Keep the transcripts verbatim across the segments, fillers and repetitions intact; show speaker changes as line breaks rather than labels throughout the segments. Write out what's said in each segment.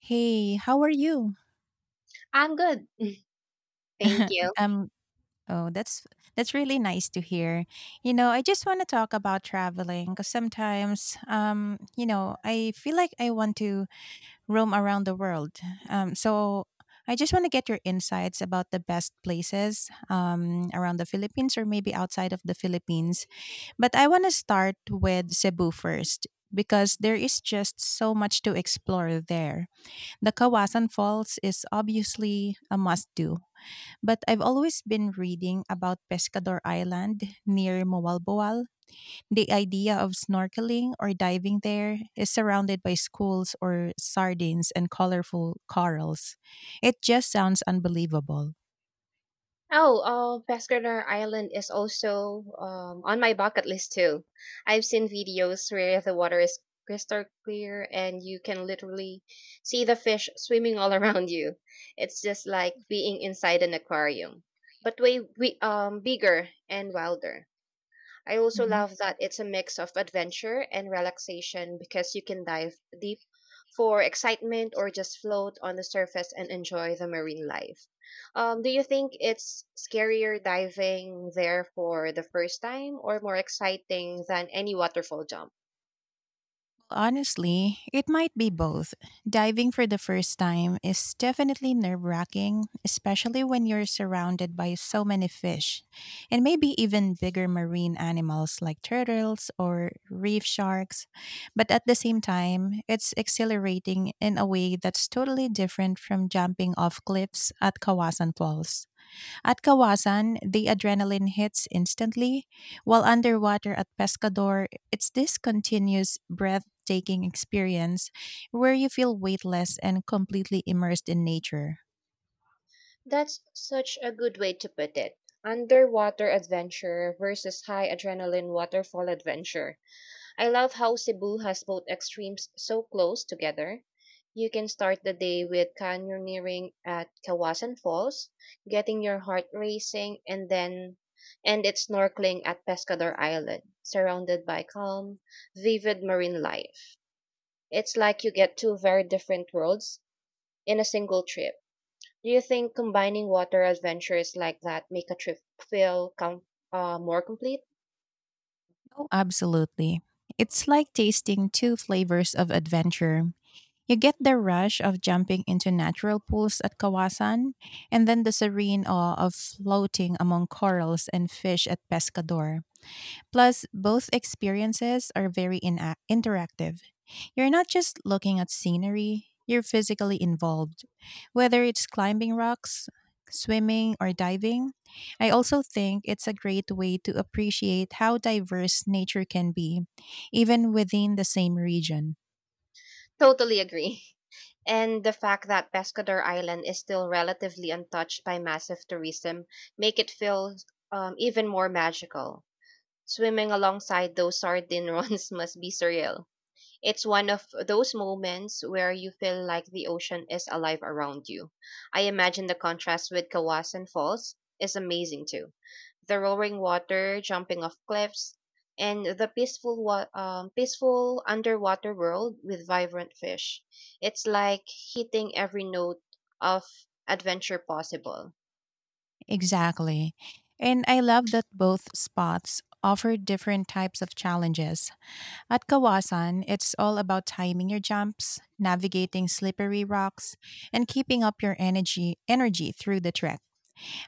Hey, how are you?
I'm good. Thank you.
um Oh, that's that's really nice to hear. You know, I just want to talk about traveling because sometimes um, you know, I feel like I want to roam around the world. Um so I just want to get your insights about the best places um, around the Philippines or maybe outside of the Philippines. But I want to start with Cebu first because there is just so much to explore there. The Kawasan Falls is obviously a must do, but I've always been reading about Pescador Island near Moalboal. The idea of snorkeling or diving there is surrounded by schools or sardines and colorful corals. It just sounds unbelievable.
Oh, uh, Pescador Island is also um, on my bucket list too. I've seen videos where the water is crystal clear and you can literally see the fish swimming all around you. It's just like being inside an aquarium, but way we, um, bigger and wilder. I also
Mhm.
love that it's a mix of adventure and relaxation because you can dive deep for excitement or just float on the surface and enjoy the marine life. Um, do you think it's scarier diving there for the first time or more exciting than any waterfall jump?
Honestly, it might be both. Diving for the first time is definitely nerve wracking, especially when you're surrounded by so many fish, and maybe even bigger marine animals like turtles or reef sharks. But at the same time, it's exhilarating in a way that's totally different from jumping off cliffs at Kawasan Falls. At Kawasan, the adrenaline hits instantly, while underwater at Pescador, it's this continuous, breathtaking experience where you feel weightless and completely immersed in nature.
That's such a good way to put it. Underwater adventure versus high adrenaline waterfall adventure. I love how Cebu has both extremes so close together. You can start the day with canyoneering at Kawasan Falls, getting your heart racing, and then end it snorkeling at Pescador Island, surrounded by calm, vivid marine life. It's like you get two very different worlds in a single trip. Do you think combining water adventures like that make a trip feel com- uh, more complete?
Oh, absolutely. It's like tasting two flavors of adventure. You get the rush of jumping into natural pools at Kawasan, and then the serene awe of floating among corals and fish at Pescador. Plus, both experiences are very ina interactive. You're not just looking at scenery, you're physically involved. Whether it's climbing rocks, swimming, or diving, I also think it's a great way to appreciate how diverse nature can be, even within the same region.
Totally agree. And the fact that Pescador Island is still relatively untouched by massive tourism make it feel um, even more magical. Swimming alongside those sardine runs must be surreal. It's one of those moments where you feel like the ocean is alive around you. I imagine the contrast with Kawasan Falls is amazing too. The roaring water, jumping off cliffs, and the peaceful, wa- um, peaceful underwater world with vibrant fish. It's like hitting every note of adventure possible.
Exactly. And I love that both spots offer different types of challenges. At Kawasan, it's all about timing your jumps, navigating slippery rocks, and keeping up your energy energy through the trek.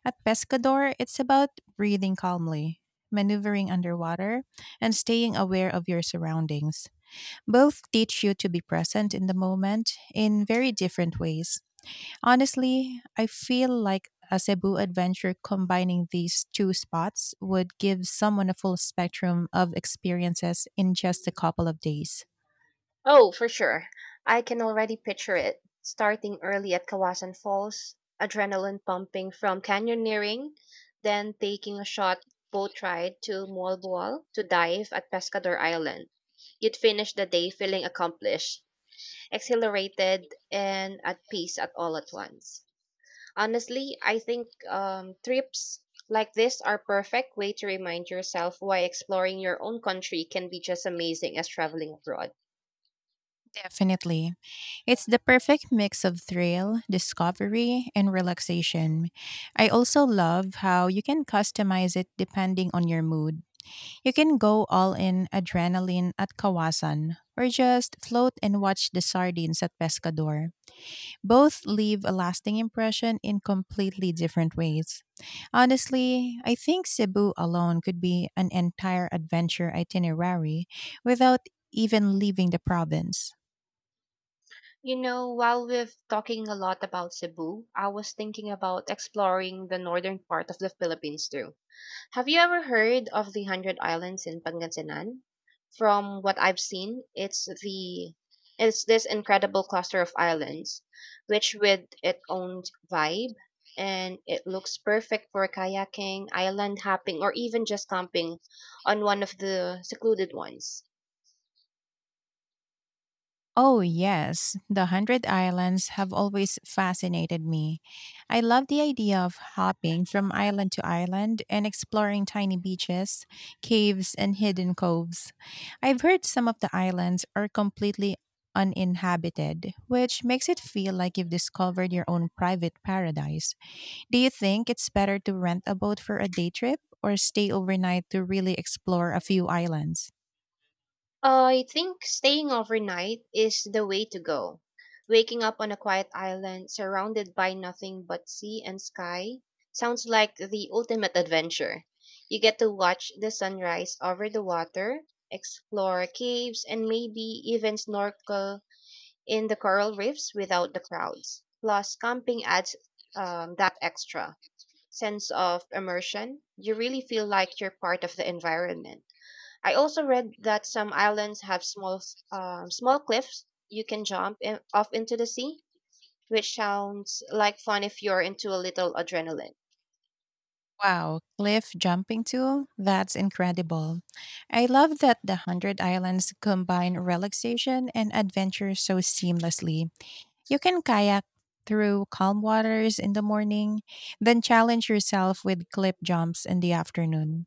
At Pescador, it's about breathing calmly, maneuvering underwater, and staying aware of your surroundings. Both teach you to be present in the moment in very different ways. Honestly, I feel like a Cebu adventure combining these two spots would give someone a full spectrum of experiences in just a couple of days.
Oh, for sure. I can already picture it. Starting early at Kawasan Falls, adrenaline pumping from canyoneering, then taking a short boat ride to Molboal to dive at Pescador Island. You'd finish the day feeling accomplished, exhilarated, and at peace at all at once. Honestly, I think um, trips like this are perfect way to remind yourself why exploring your own country can be just amazing as traveling abroad.
Definitely. It's the perfect mix of thrill, discovery, and relaxation. I also love how you can customize it depending on your mood. You can go all in adrenaline at Kawasan or just float and watch the sardines at Pescador. Both leave a lasting impression in completely different ways. Honestly, I think Cebu alone could be an entire adventure itinerary without even leaving the province.
You know, while we've talking a lot about Cebu, I was thinking about exploring the northern part of the Philippines too. Have you ever heard of the Hundred Islands in Pangasinan? From what I've seen, it's the it's this incredible cluster of islands, which with its own vibe, and it looks perfect for kayaking, island hopping, or even just camping on one of the secluded ones.
Oh, yes. The Hundred Islands have always fascinated me. I love the idea of hopping from island to island and exploring tiny beaches, caves, and hidden coves. I've heard some of the islands are completely uninhabited, which makes it feel like you've discovered your own private paradise. Do you think it's better to rent a boat for a day trip or stay overnight to really explore a few islands?
I think staying overnight is the way to go. Waking up on a quiet island surrounded by nothing but sea and sky sounds like the ultimate adventure. You get to watch the sunrise over the water, explore caves, and maybe even snorkel in the coral reefs without the crowds. Plus, camping adds um, that extra sense of immersion. You really feel like you're part of the environment. I also read that some islands have small s- um, small cliffs you can jump in, off into the sea, which sounds like fun if you're into a little adrenaline.
Wow, cliff jumping too? That's incredible. I love that the Hundred Islands combine relaxation and adventure so seamlessly. You can kayak through calm waters in the morning, then challenge yourself with cliff jumps in the afternoon.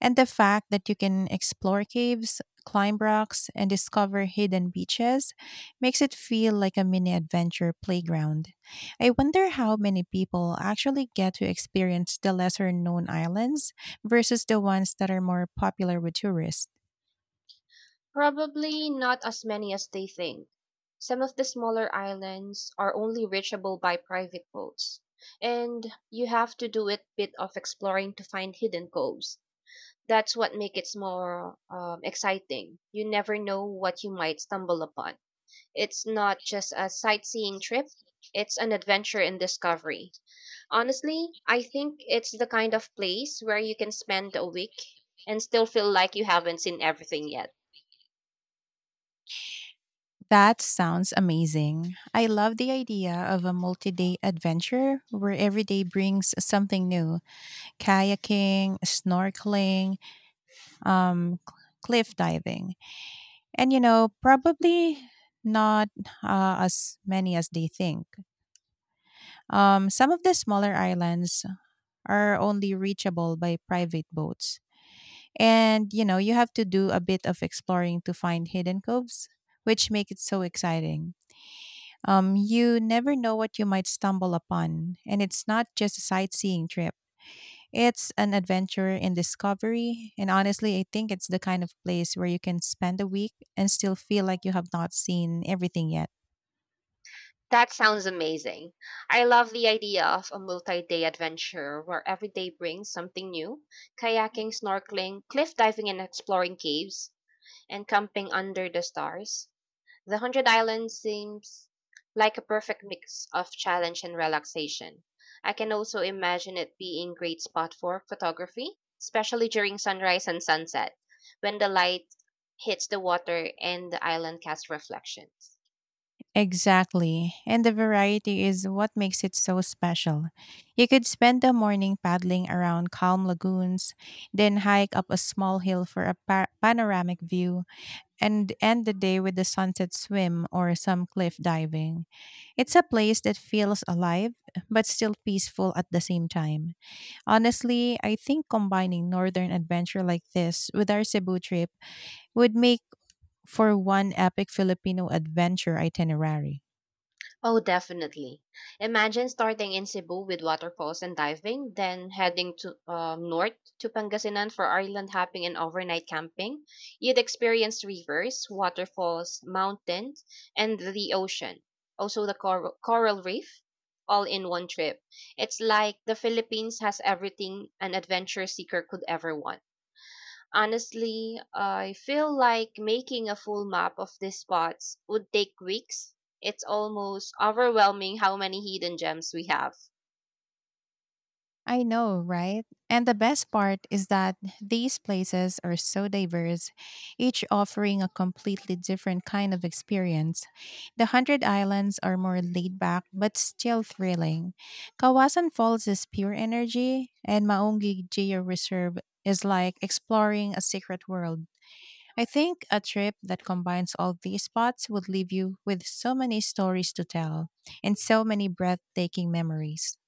And the fact that you can explore caves, climb rocks, and discover hidden beaches makes it feel like a mini adventure playground. I wonder how many people actually get to experience the lesser known islands versus the ones that are more popular with tourists.
Probably not as many as they think. Some of the smaller islands are only reachable by private boats, and you have to do a bit of exploring to find hidden coves. That's what makes it more um, exciting. You never know what you might stumble upon. It's not just a sightseeing trip, it's an adventure in discovery. Honestly, I think it's the kind of place where you can spend a week and still feel like you haven't seen everything yet.
That sounds amazing. I love the idea of a multi day adventure where every day brings something new: kayaking, snorkeling, um, cliff diving. And you know, probably not uh, as many as they think. Um, some of the smaller islands are only reachable by private boats. And you know, you have to do a bit of exploring to find hidden coves, which make it so exciting. Um, you never know what you might stumble upon, and it's not just a sightseeing trip. It's an adventure in discovery, and honestly, I think it's the kind of place where you can spend a week and still feel like you have not seen everything yet.
That sounds amazing. I love the idea of a multi day adventure where every day brings something new kayaking, snorkeling, cliff diving, and exploring caves, and camping under the stars. The Hundred Islands seems like a perfect mix of challenge and relaxation. I can also imagine it being great spot for photography, especially during sunrise and sunset, when the light hits the water and the island casts reflections.
Exactly. And the variety is what makes it so special. You could spend the morning paddling around calm lagoons, then hike up a small hill for a pa- panoramic view, and end the day with a sunset swim or some cliff diving. It's a place that feels alive but still peaceful at the same time. Honestly, I think combining northern adventure like this with our Cebu trip would make for one epic Filipino adventure itinerary.
Oh, definitely. Imagine starting in Cebu with waterfalls and diving, then heading to um, north to Pangasinan for island hopping and overnight camping. You'd experience rivers, waterfalls, mountains, and the ocean. Also, the coral, coral reef, all in one trip. It's like the Philippines has everything an adventure seeker could ever want. Honestly, I feel like making a full map of these spots would take weeks. It's almost overwhelming how many hidden gems we have.
I know, right? And the best part is that these places are so diverse, each offering a completely different kind of experience. The Hundred Islands are more laid back but still thrilling. Kawasan Falls is pure energy, and Maungi Geo Reserve is like exploring a secret world. I think a trip that combines all these spots would leave you with so many stories to tell and so many breathtaking memories.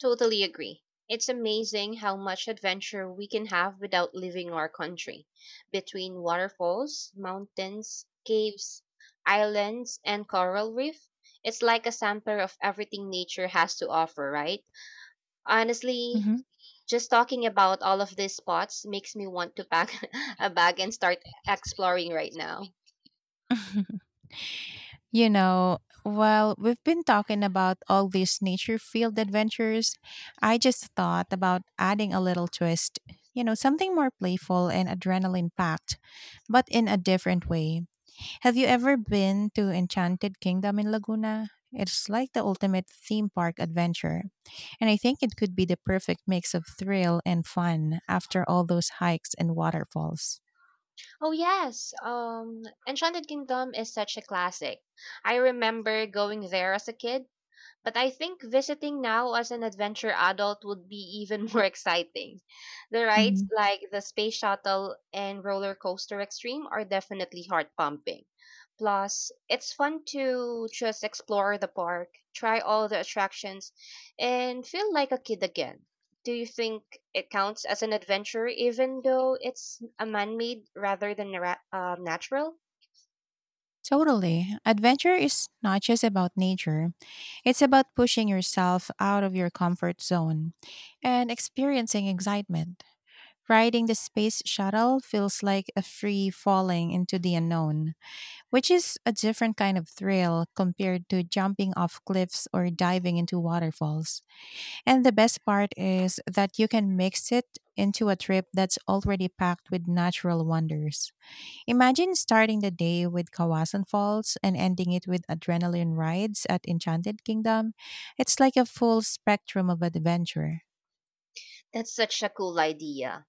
Totally agree. It's amazing how much adventure we can have without leaving our country. Between waterfalls, mountains, caves, islands, and coral reef, it's like a sample of everything nature has to offer, right? Honestly,
hmm
just talking about all of these spots makes me want to pack a bag and start exploring right now.
You know, while we've been talking about all these nature field adventures, I just thought about adding a little twist, you know, something more playful and adrenaline packed, but in a different way. Have you ever been to Enchanted Kingdom in Laguna? It's like the ultimate theme park adventure, and I think it could be the perfect mix of thrill and fun after all those hikes and waterfalls.
Oh yes, um Enchanted Kingdom is such a classic. I remember going there as a kid, but I think visiting now as an adventure adult would be even more exciting. The rides
Mhm.
like the Space Shuttle and Roller Coaster Extreme are definitely heart pumping. Plus, it's fun to just explore the park, try all the attractions, and feel like a kid again. Do you think it counts as an adventure even though it's a man made rather than a ra- uh, natural?
Totally. Adventure is not just about nature, it's about pushing yourself out of your comfort zone and experiencing excitement. Riding the space shuttle feels like a free falling into the unknown, which is a different kind of thrill compared to jumping off cliffs or diving into waterfalls. And the best part is that you can mix it into a trip that's already packed with natural wonders. Imagine starting the day with Kawasan Falls and ending it with adrenaline rides at Enchanted Kingdom. It's like a full spectrum of adventure.
That's such a cool idea.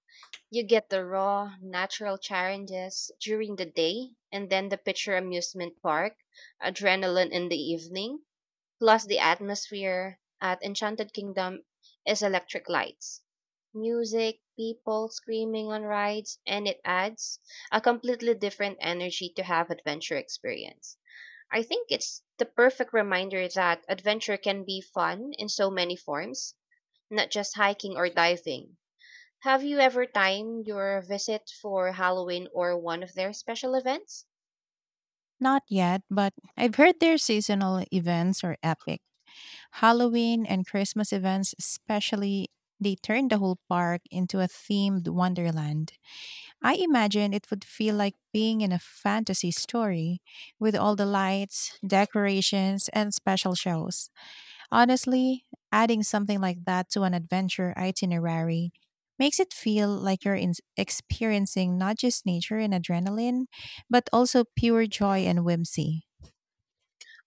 You get the raw, natural challenges during the day, and then the picture amusement park, adrenaline in the evening, plus the atmosphere at Enchanted Kingdom is electric lights, music, people screaming on rides, and it adds a completely different energy to have adventure experience. I think it's the perfect reminder that adventure can be fun in so many forms, not just hiking or diving. Have you ever timed your visit for Halloween or one of their special events?
Not yet, but I've heard their seasonal events are epic. Halloween and Christmas events, especially, they turn the whole park into a themed wonderland. I imagine it would feel like being in a fantasy story with all the lights, decorations, and special shows. Honestly, adding something like that to an adventure itinerary makes it feel like you're in- experiencing not just nature and adrenaline, but also pure joy and whimsy.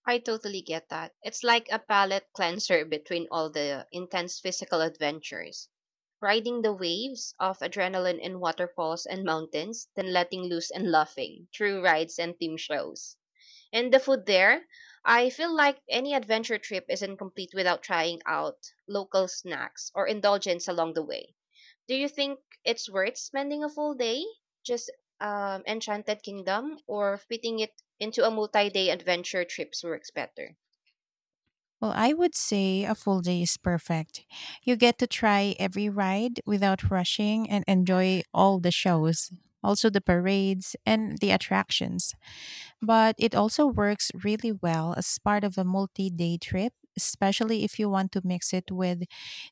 I totally get that. It's like a palate cleanser between all the intense physical adventures. Riding the waves of adrenaline in waterfalls and mountains, then letting loose and laughing through rides and theme shows. And the food there, I feel like any adventure trip isn't complete without trying out local snacks or indulgence along the way. Do you think it's worth spending a full day just um, Enchanted Kingdom or fitting it into a multi day adventure trips works better?
Well, I would say a full day is perfect. You get to try every ride without rushing and enjoy all the shows, also the parades and the attractions. But it also works really well as part of a multi day trip, especially if you want to mix it with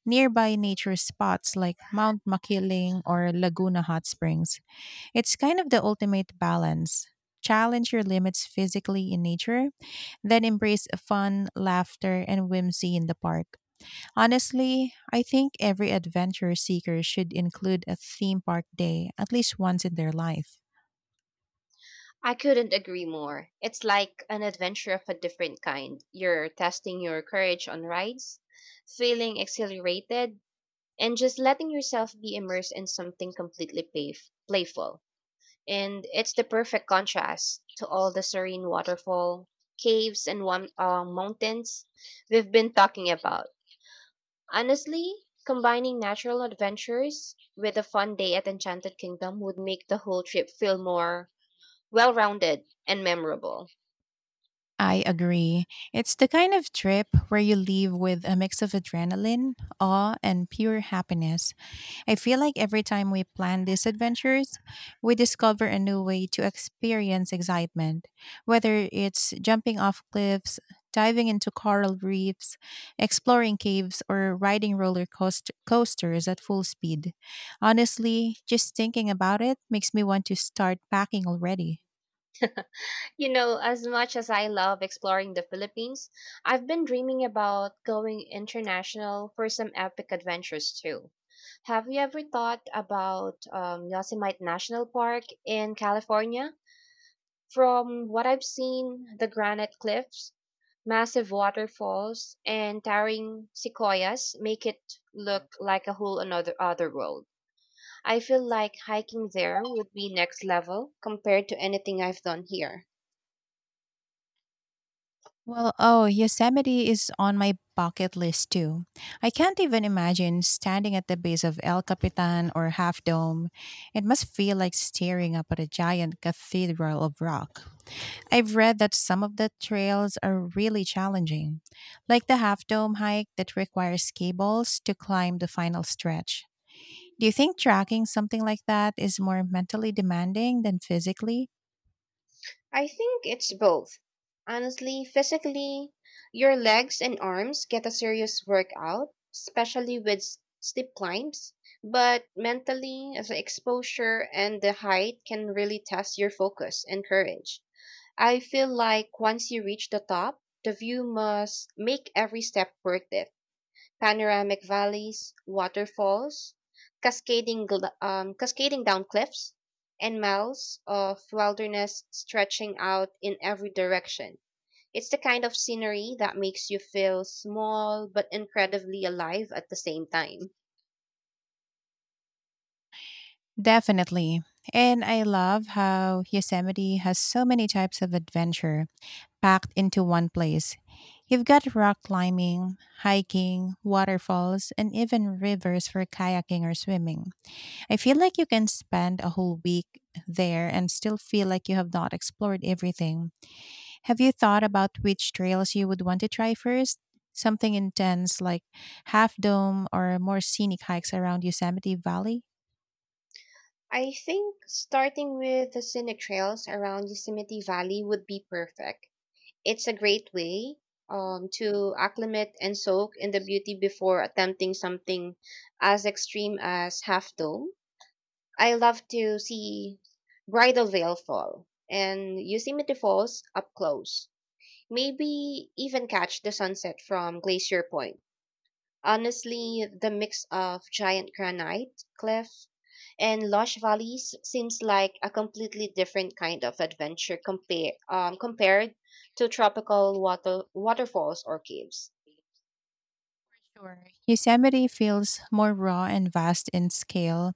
nearby nature spots like Mount Makiling or Laguna Hot Springs. It's kind of the ultimate balance. Challenge your limits physically in nature, then embrace fun, laughter, and whimsy in the park. Honestly, I think every adventure seeker should include a theme park day at least once in their life.
I couldn't agree more. It's like an adventure of a different kind. You're testing your courage on rides, feeling exhilarated, and just letting yourself be immersed in something completely playf- playful. And it's the perfect contrast to all the serene waterfall, caves, and one, uh, mountains we've been talking about. Honestly, combining natural adventures with a fun day at Enchanted Kingdom would make the whole trip feel more well rounded and memorable.
I agree. It's the kind of trip where you leave with a mix of adrenaline, awe, and pure happiness. I feel like every time we plan these adventures, we discover a new way to experience excitement, whether it's jumping off cliffs, diving into coral reefs, exploring caves, or riding roller coast- coasters at full speed. Honestly, just thinking about it makes me want to start packing already.
You know, as much as I love exploring the Philippines, I've been dreaming about going international for some epic adventures too. Have you ever thought about um, Yosemite National Park in California? From what I've seen, the granite cliffs massive waterfalls and towering sequoias make it look like a whole another other world. I feel like hiking there would be next level compared to anything I've done here.
Well, oh, Yosemite is on my bucket list too. I can't even imagine standing at the base of El Capitan or Half Dome. It must feel like staring up at a giant cathedral of rock. I've read that some of the trails are really challenging, like the Half Dome hike that requires cables to climb the final stretch. Do you think tracking something like that is more mentally demanding than physically?
I think it's both. Honestly, physically, your legs and arms get a serious workout, especially with s- steep climbs, but mentally, the exposure and the height can really test your focus and courage. I feel like once you reach the top, the view must make every step worth it. Panoramic valleys, waterfalls, cascading gl- um, cascading down cliffs, and miles of wilderness stretching out in every direction. It's the kind of scenery that makes you feel small but incredibly alive at the same time.
Definitely. And I love how Yosemite has so many types of adventure packed into one place. You've got rock climbing, hiking, waterfalls, and even rivers for kayaking or swimming. I feel like you can spend a whole week there and still feel like you have not explored everything. Have you thought about which trails you would want to try first? Something intense like Half Dome or more scenic hikes around Yosemite Valley?
I think starting with the scenic trails around Yosemite Valley would be perfect. It's a great way um, to acclimate and soak in the beauty before attempting something as extreme as Half Dome. I love to see Bridal Veil fall and Yosemite Falls up close. Maybe even catch the sunset from Glacier Point. Honestly, the mix of giant granite, cliff, and lush valleys seems like a completely different kind of adventure compare, um, compared to tropical water, waterfalls or caves.
Sure. Yosemite feels more raw and vast in scale,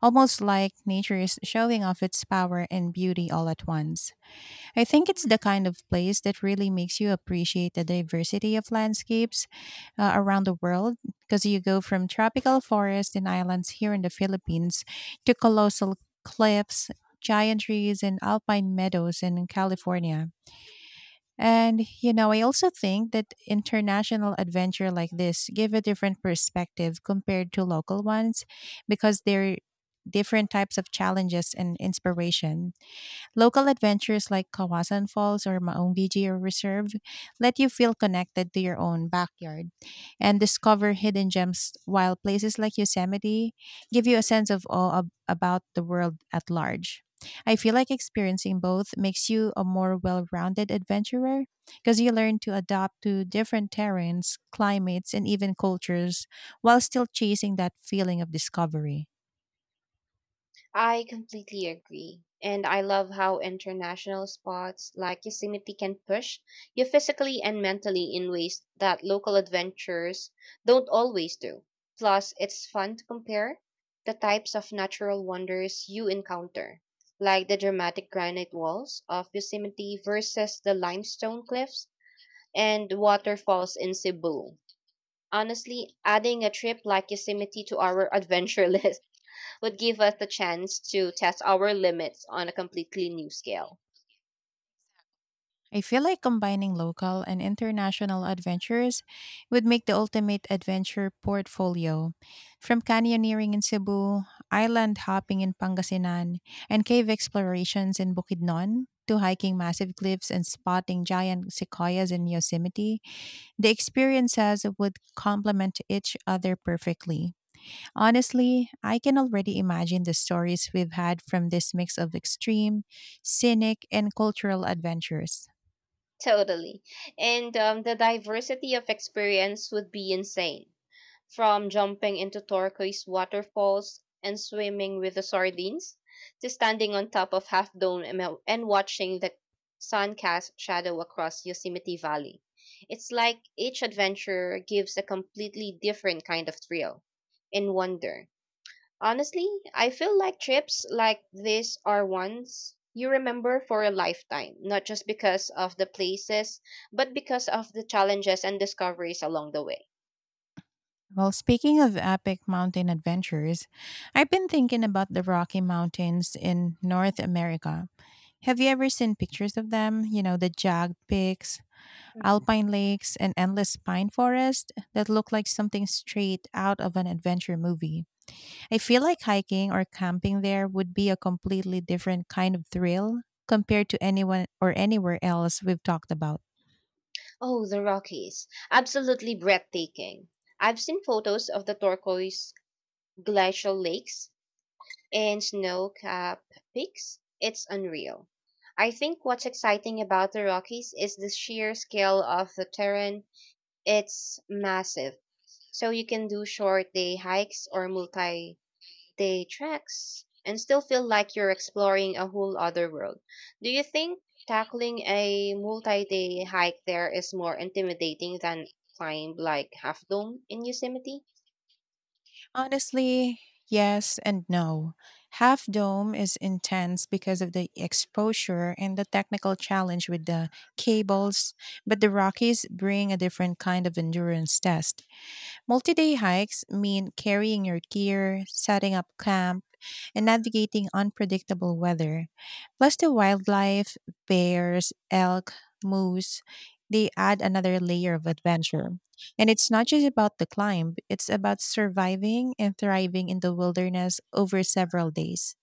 almost like nature is showing off its power and beauty all at once. I think it's the kind of place that really makes you appreciate the diversity of landscapes uh, around the world, because you go from tropical forests and islands here in the Philippines to colossal cliffs, giant trees, and alpine meadows in California. And you know, I also think that international adventure like this give a different perspective compared to local ones because they're different types of challenges and inspiration. Local adventures like Kawasan Falls or Maung Bijir Reserve let you feel connected to your own backyard and discover hidden gems, while places like Yosemite give you a sense of awe ab- about the world at large. I feel like experiencing both makes you a more well rounded adventurer because you learn to adapt to different terrains, climates, and even cultures while still chasing that feeling of discovery.
I completely agree. And I love how international spots like Yosemite can push you physically and mentally in ways that local adventures don't always do. Plus, it's fun to compare the types of natural wonders you encounter, like the dramatic granite walls of Yosemite versus the limestone cliffs and waterfalls in Cebu. Honestly, adding a trip like Yosemite to our adventure list would give us the chance to test our limits on a completely new scale.
I feel like combining local and international adventures would make the ultimate adventure portfolio. From canyoneering in Cebu, island hopping in Pangasinan, and cave explorations in Bukidnon, to hiking massive cliffs and spotting giant sequoias in Yosemite, the experiences would complement each other perfectly. Honestly, I can already imagine the stories we've had from this mix of extreme, scenic, and cultural adventures.
Totally. And um, the diversity of experience would be insane. From jumping into turquoise waterfalls and swimming with the sardines, to standing on top of Half Dome and and watching the sun cast shadow across Yosemite Valley. It's like each adventure gives a completely different kind of thrill and wonder. Honestly, I feel like trips like this are ones you remember for a lifetime, not just because of the places, but because of the challenges and discoveries along the way.
Well, speaking of epic mountain adventures, I've been thinking about the Rocky Mountains in North America. Have you ever seen pictures of them? You know, the jagged peaks,
Mhm.
alpine lakes, and endless pine forest that look like something straight out of an adventure movie. I feel like hiking or camping there would be a completely different kind of thrill compared to anyone or anywhere else we've talked about.
Oh, the Rockies. Absolutely breathtaking. I've seen photos of the turquoise glacial lakes and snow capped peaks, it's unreal. I think what's exciting about the Rockies is the sheer scale of the terrain. It's massive. So you can do short day hikes or multi day treks and still feel like you're exploring a whole other world. Do you think tackling a multi day hike there is more intimidating than climb like Half Dome in Yosemite?
Honestly, yes and no. Half Dome is intense because of the exposure and the technical challenge with the cables, but the Rockies bring a different kind of endurance test. Multi day hikes mean carrying your gear, setting up camp, and navigating unpredictable weather. Plus, the wildlife, bears, elk, moose, they add another layer of adventure. And it's not just about the climb, it's about surviving and thriving in the wilderness over several days.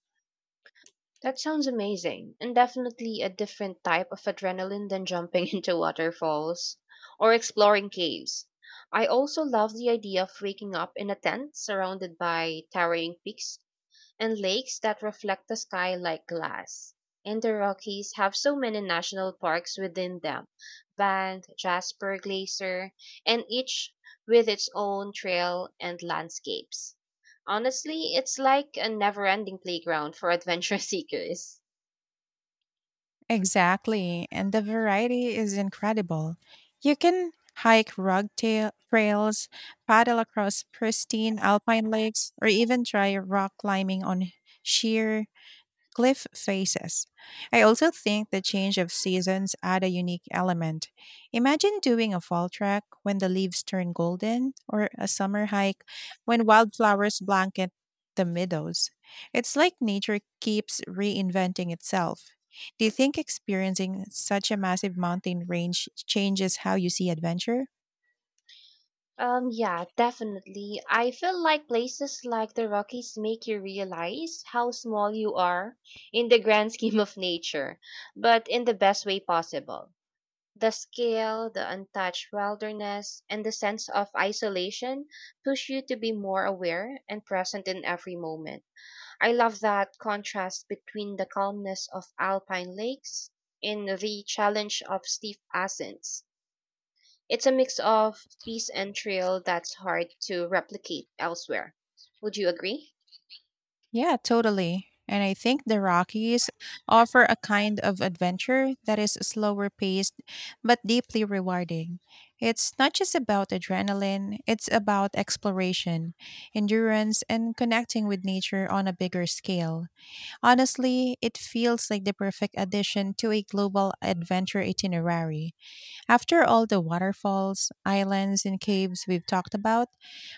That sounds amazing, and definitely a different type of adrenaline than jumping into waterfalls or exploring caves. I also love the idea of waking up in a tent surrounded by towering peaks and lakes that reflect the sky like glass. And the Rockies have so many national parks within them, Banff, Jasper, Glacier, and each with its own trail and landscapes. Honestly, it's like a never ending playground for adventure seekers.
Exactly, and the variety is incredible. You can hike rugged tail- trails, paddle across pristine alpine lakes, or even try rock climbing on sheer cliff faces. I also think the change of seasons add a unique element. Imagine doing a fall trek when the leaves turn golden or a summer hike when wildflowers blanket the meadows. It's like nature keeps reinventing itself. Do you think experiencing such a massive mountain range changes how you see adventure?
Um, yeah, definitely. I feel like places like the Rockies make you realize how small you are in the grand scheme of nature, but in the best way possible. The scale, the untouched wilderness, and the sense of isolation push you to be more aware and present in every moment. I love that contrast between the calmness of alpine lakes and the challenge of steep ascents. It's a mix of peace and thrill that's hard to replicate elsewhere. Would you agree?
Yeah, totally. And I think the Rockies offer a kind of adventure that is slower paced but deeply rewarding. It's not just about adrenaline, it's about exploration, endurance, and connecting with nature on a bigger scale. Honestly, it feels like the perfect addition to a global adventure itinerary. After all the waterfalls, islands, and caves we've talked about,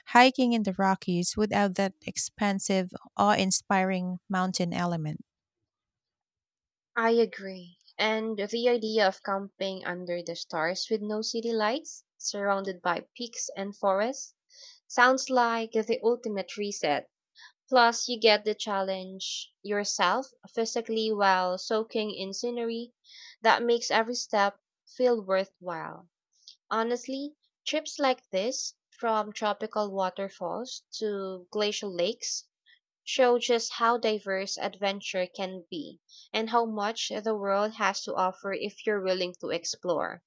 hiking in the Rockies would add that expansive, awe inspiring mountain element.
I agree. And the idea of camping under the stars with no city lights, surrounded by peaks and forests, sounds like the ultimate reset. Plus, you get the challenge yourself physically while soaking in scenery that makes every step feel worthwhile. Honestly, trips like this, from tropical waterfalls to glacial lakes, show just how diverse adventure can be and how much the world has to offer if you're willing to explore.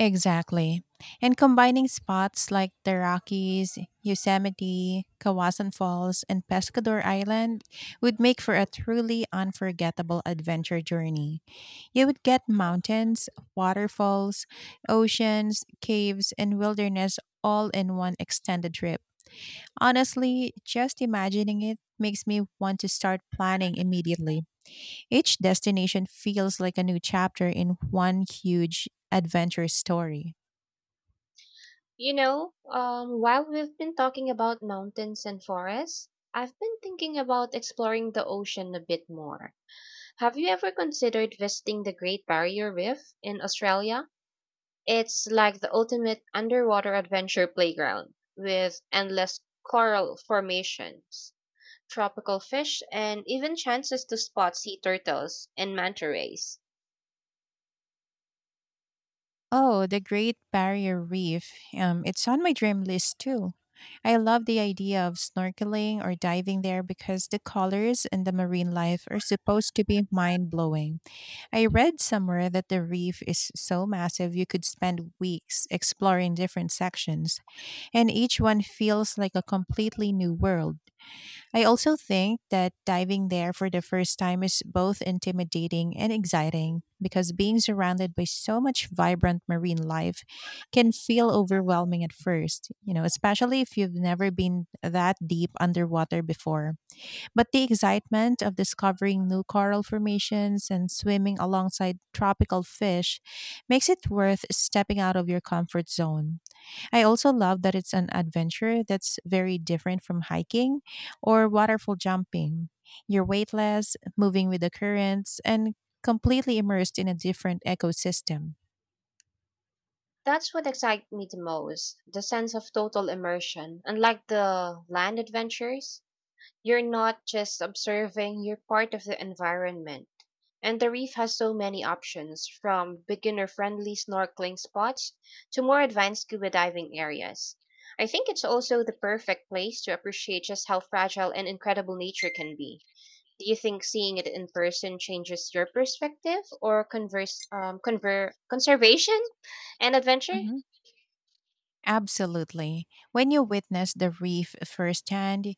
Exactly. And combining spots like the Rockies, Yosemite, Kawasan Falls, and Pescador Island would make for a truly unforgettable adventure journey. You would get mountains, waterfalls, oceans, caves, and wilderness all in one extended trip. Honestly, just imagining it makes me want to start planning immediately. Each destination feels like a new chapter in one huge adventure story.
You know, um, while we've been talking about mountains and forests, I've been thinking about exploring the ocean a bit more. Have you ever considered visiting the Great Barrier Reef in Australia? It's like the ultimate underwater adventure playground with endless coral formations, tropical fish, and even chances to spot sea turtles and manta rays.
Oh, the Great Barrier Reef. Um, it's on my dream list too. I love the idea of snorkeling or diving there because the colors and the marine life are supposed to be mind blowing. I read somewhere that the reef is so massive you could spend weeks exploring different sections, and each one feels like a completely new world. I also think that diving there for the first time is both intimidating and exciting because being surrounded by so much vibrant marine life can feel overwhelming at first, you know, especially if you've never been that deep underwater before. But the excitement of discovering new coral formations and swimming alongside tropical fish makes it worth stepping out of your comfort zone. I also love that it's an adventure that's very different from hiking or waterfall jumping. You're weightless, moving with the currents, and completely immersed in a different ecosystem.
That's what excites me the most, the sense of total immersion, unlike the land adventures. You're not just observing, you're part of the environment. And the reef has so many options, from beginner friendly snorkeling spots to more advanced scuba diving areas. I think it's also the perfect place to appreciate just how fragile and incredible nature can be. Do you think seeing it in person changes your perspective or converse, um, conver- conservation and adventure?
Mhm. Absolutely. When you witness the reef firsthand,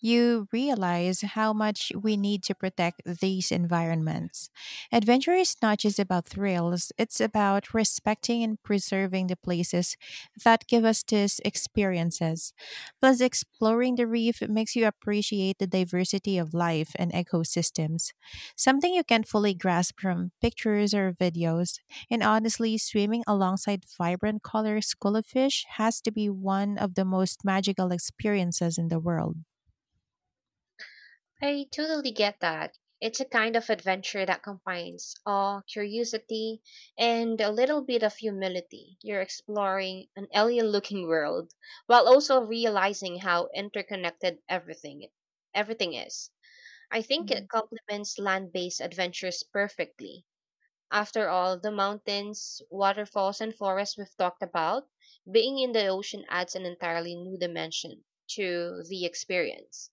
you realize how much we need to protect these environments. Adventure is not just about thrills, it's about respecting and preserving the places that give us these experiences. Plus, exploring the reef makes you appreciate the diversity of life and ecosystems, something you can't fully grasp from pictures or videos. And honestly, swimming alongside vibrant colors, school of fish has to be one of the most magical experiences in the world.
I totally get that. It's a kind of adventure that combines awe, curiosity, and a little bit of humility. You're exploring an alien looking world while also realizing how interconnected everything everything is. I think it
Mhm.
complements land based adventures perfectly. After all, the mountains, waterfalls, and forests we've talked about, being in the ocean adds an entirely new dimension to the experience.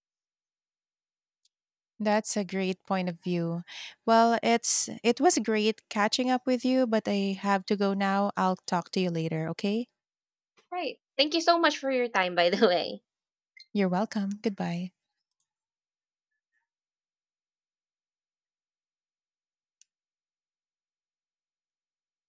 That's a great point of view. Well, it's it was great catching up with you, but I have to go now. I'll talk to you later, okay?
Right. Thank you so much for your time, by the way.
You're welcome. Goodbye.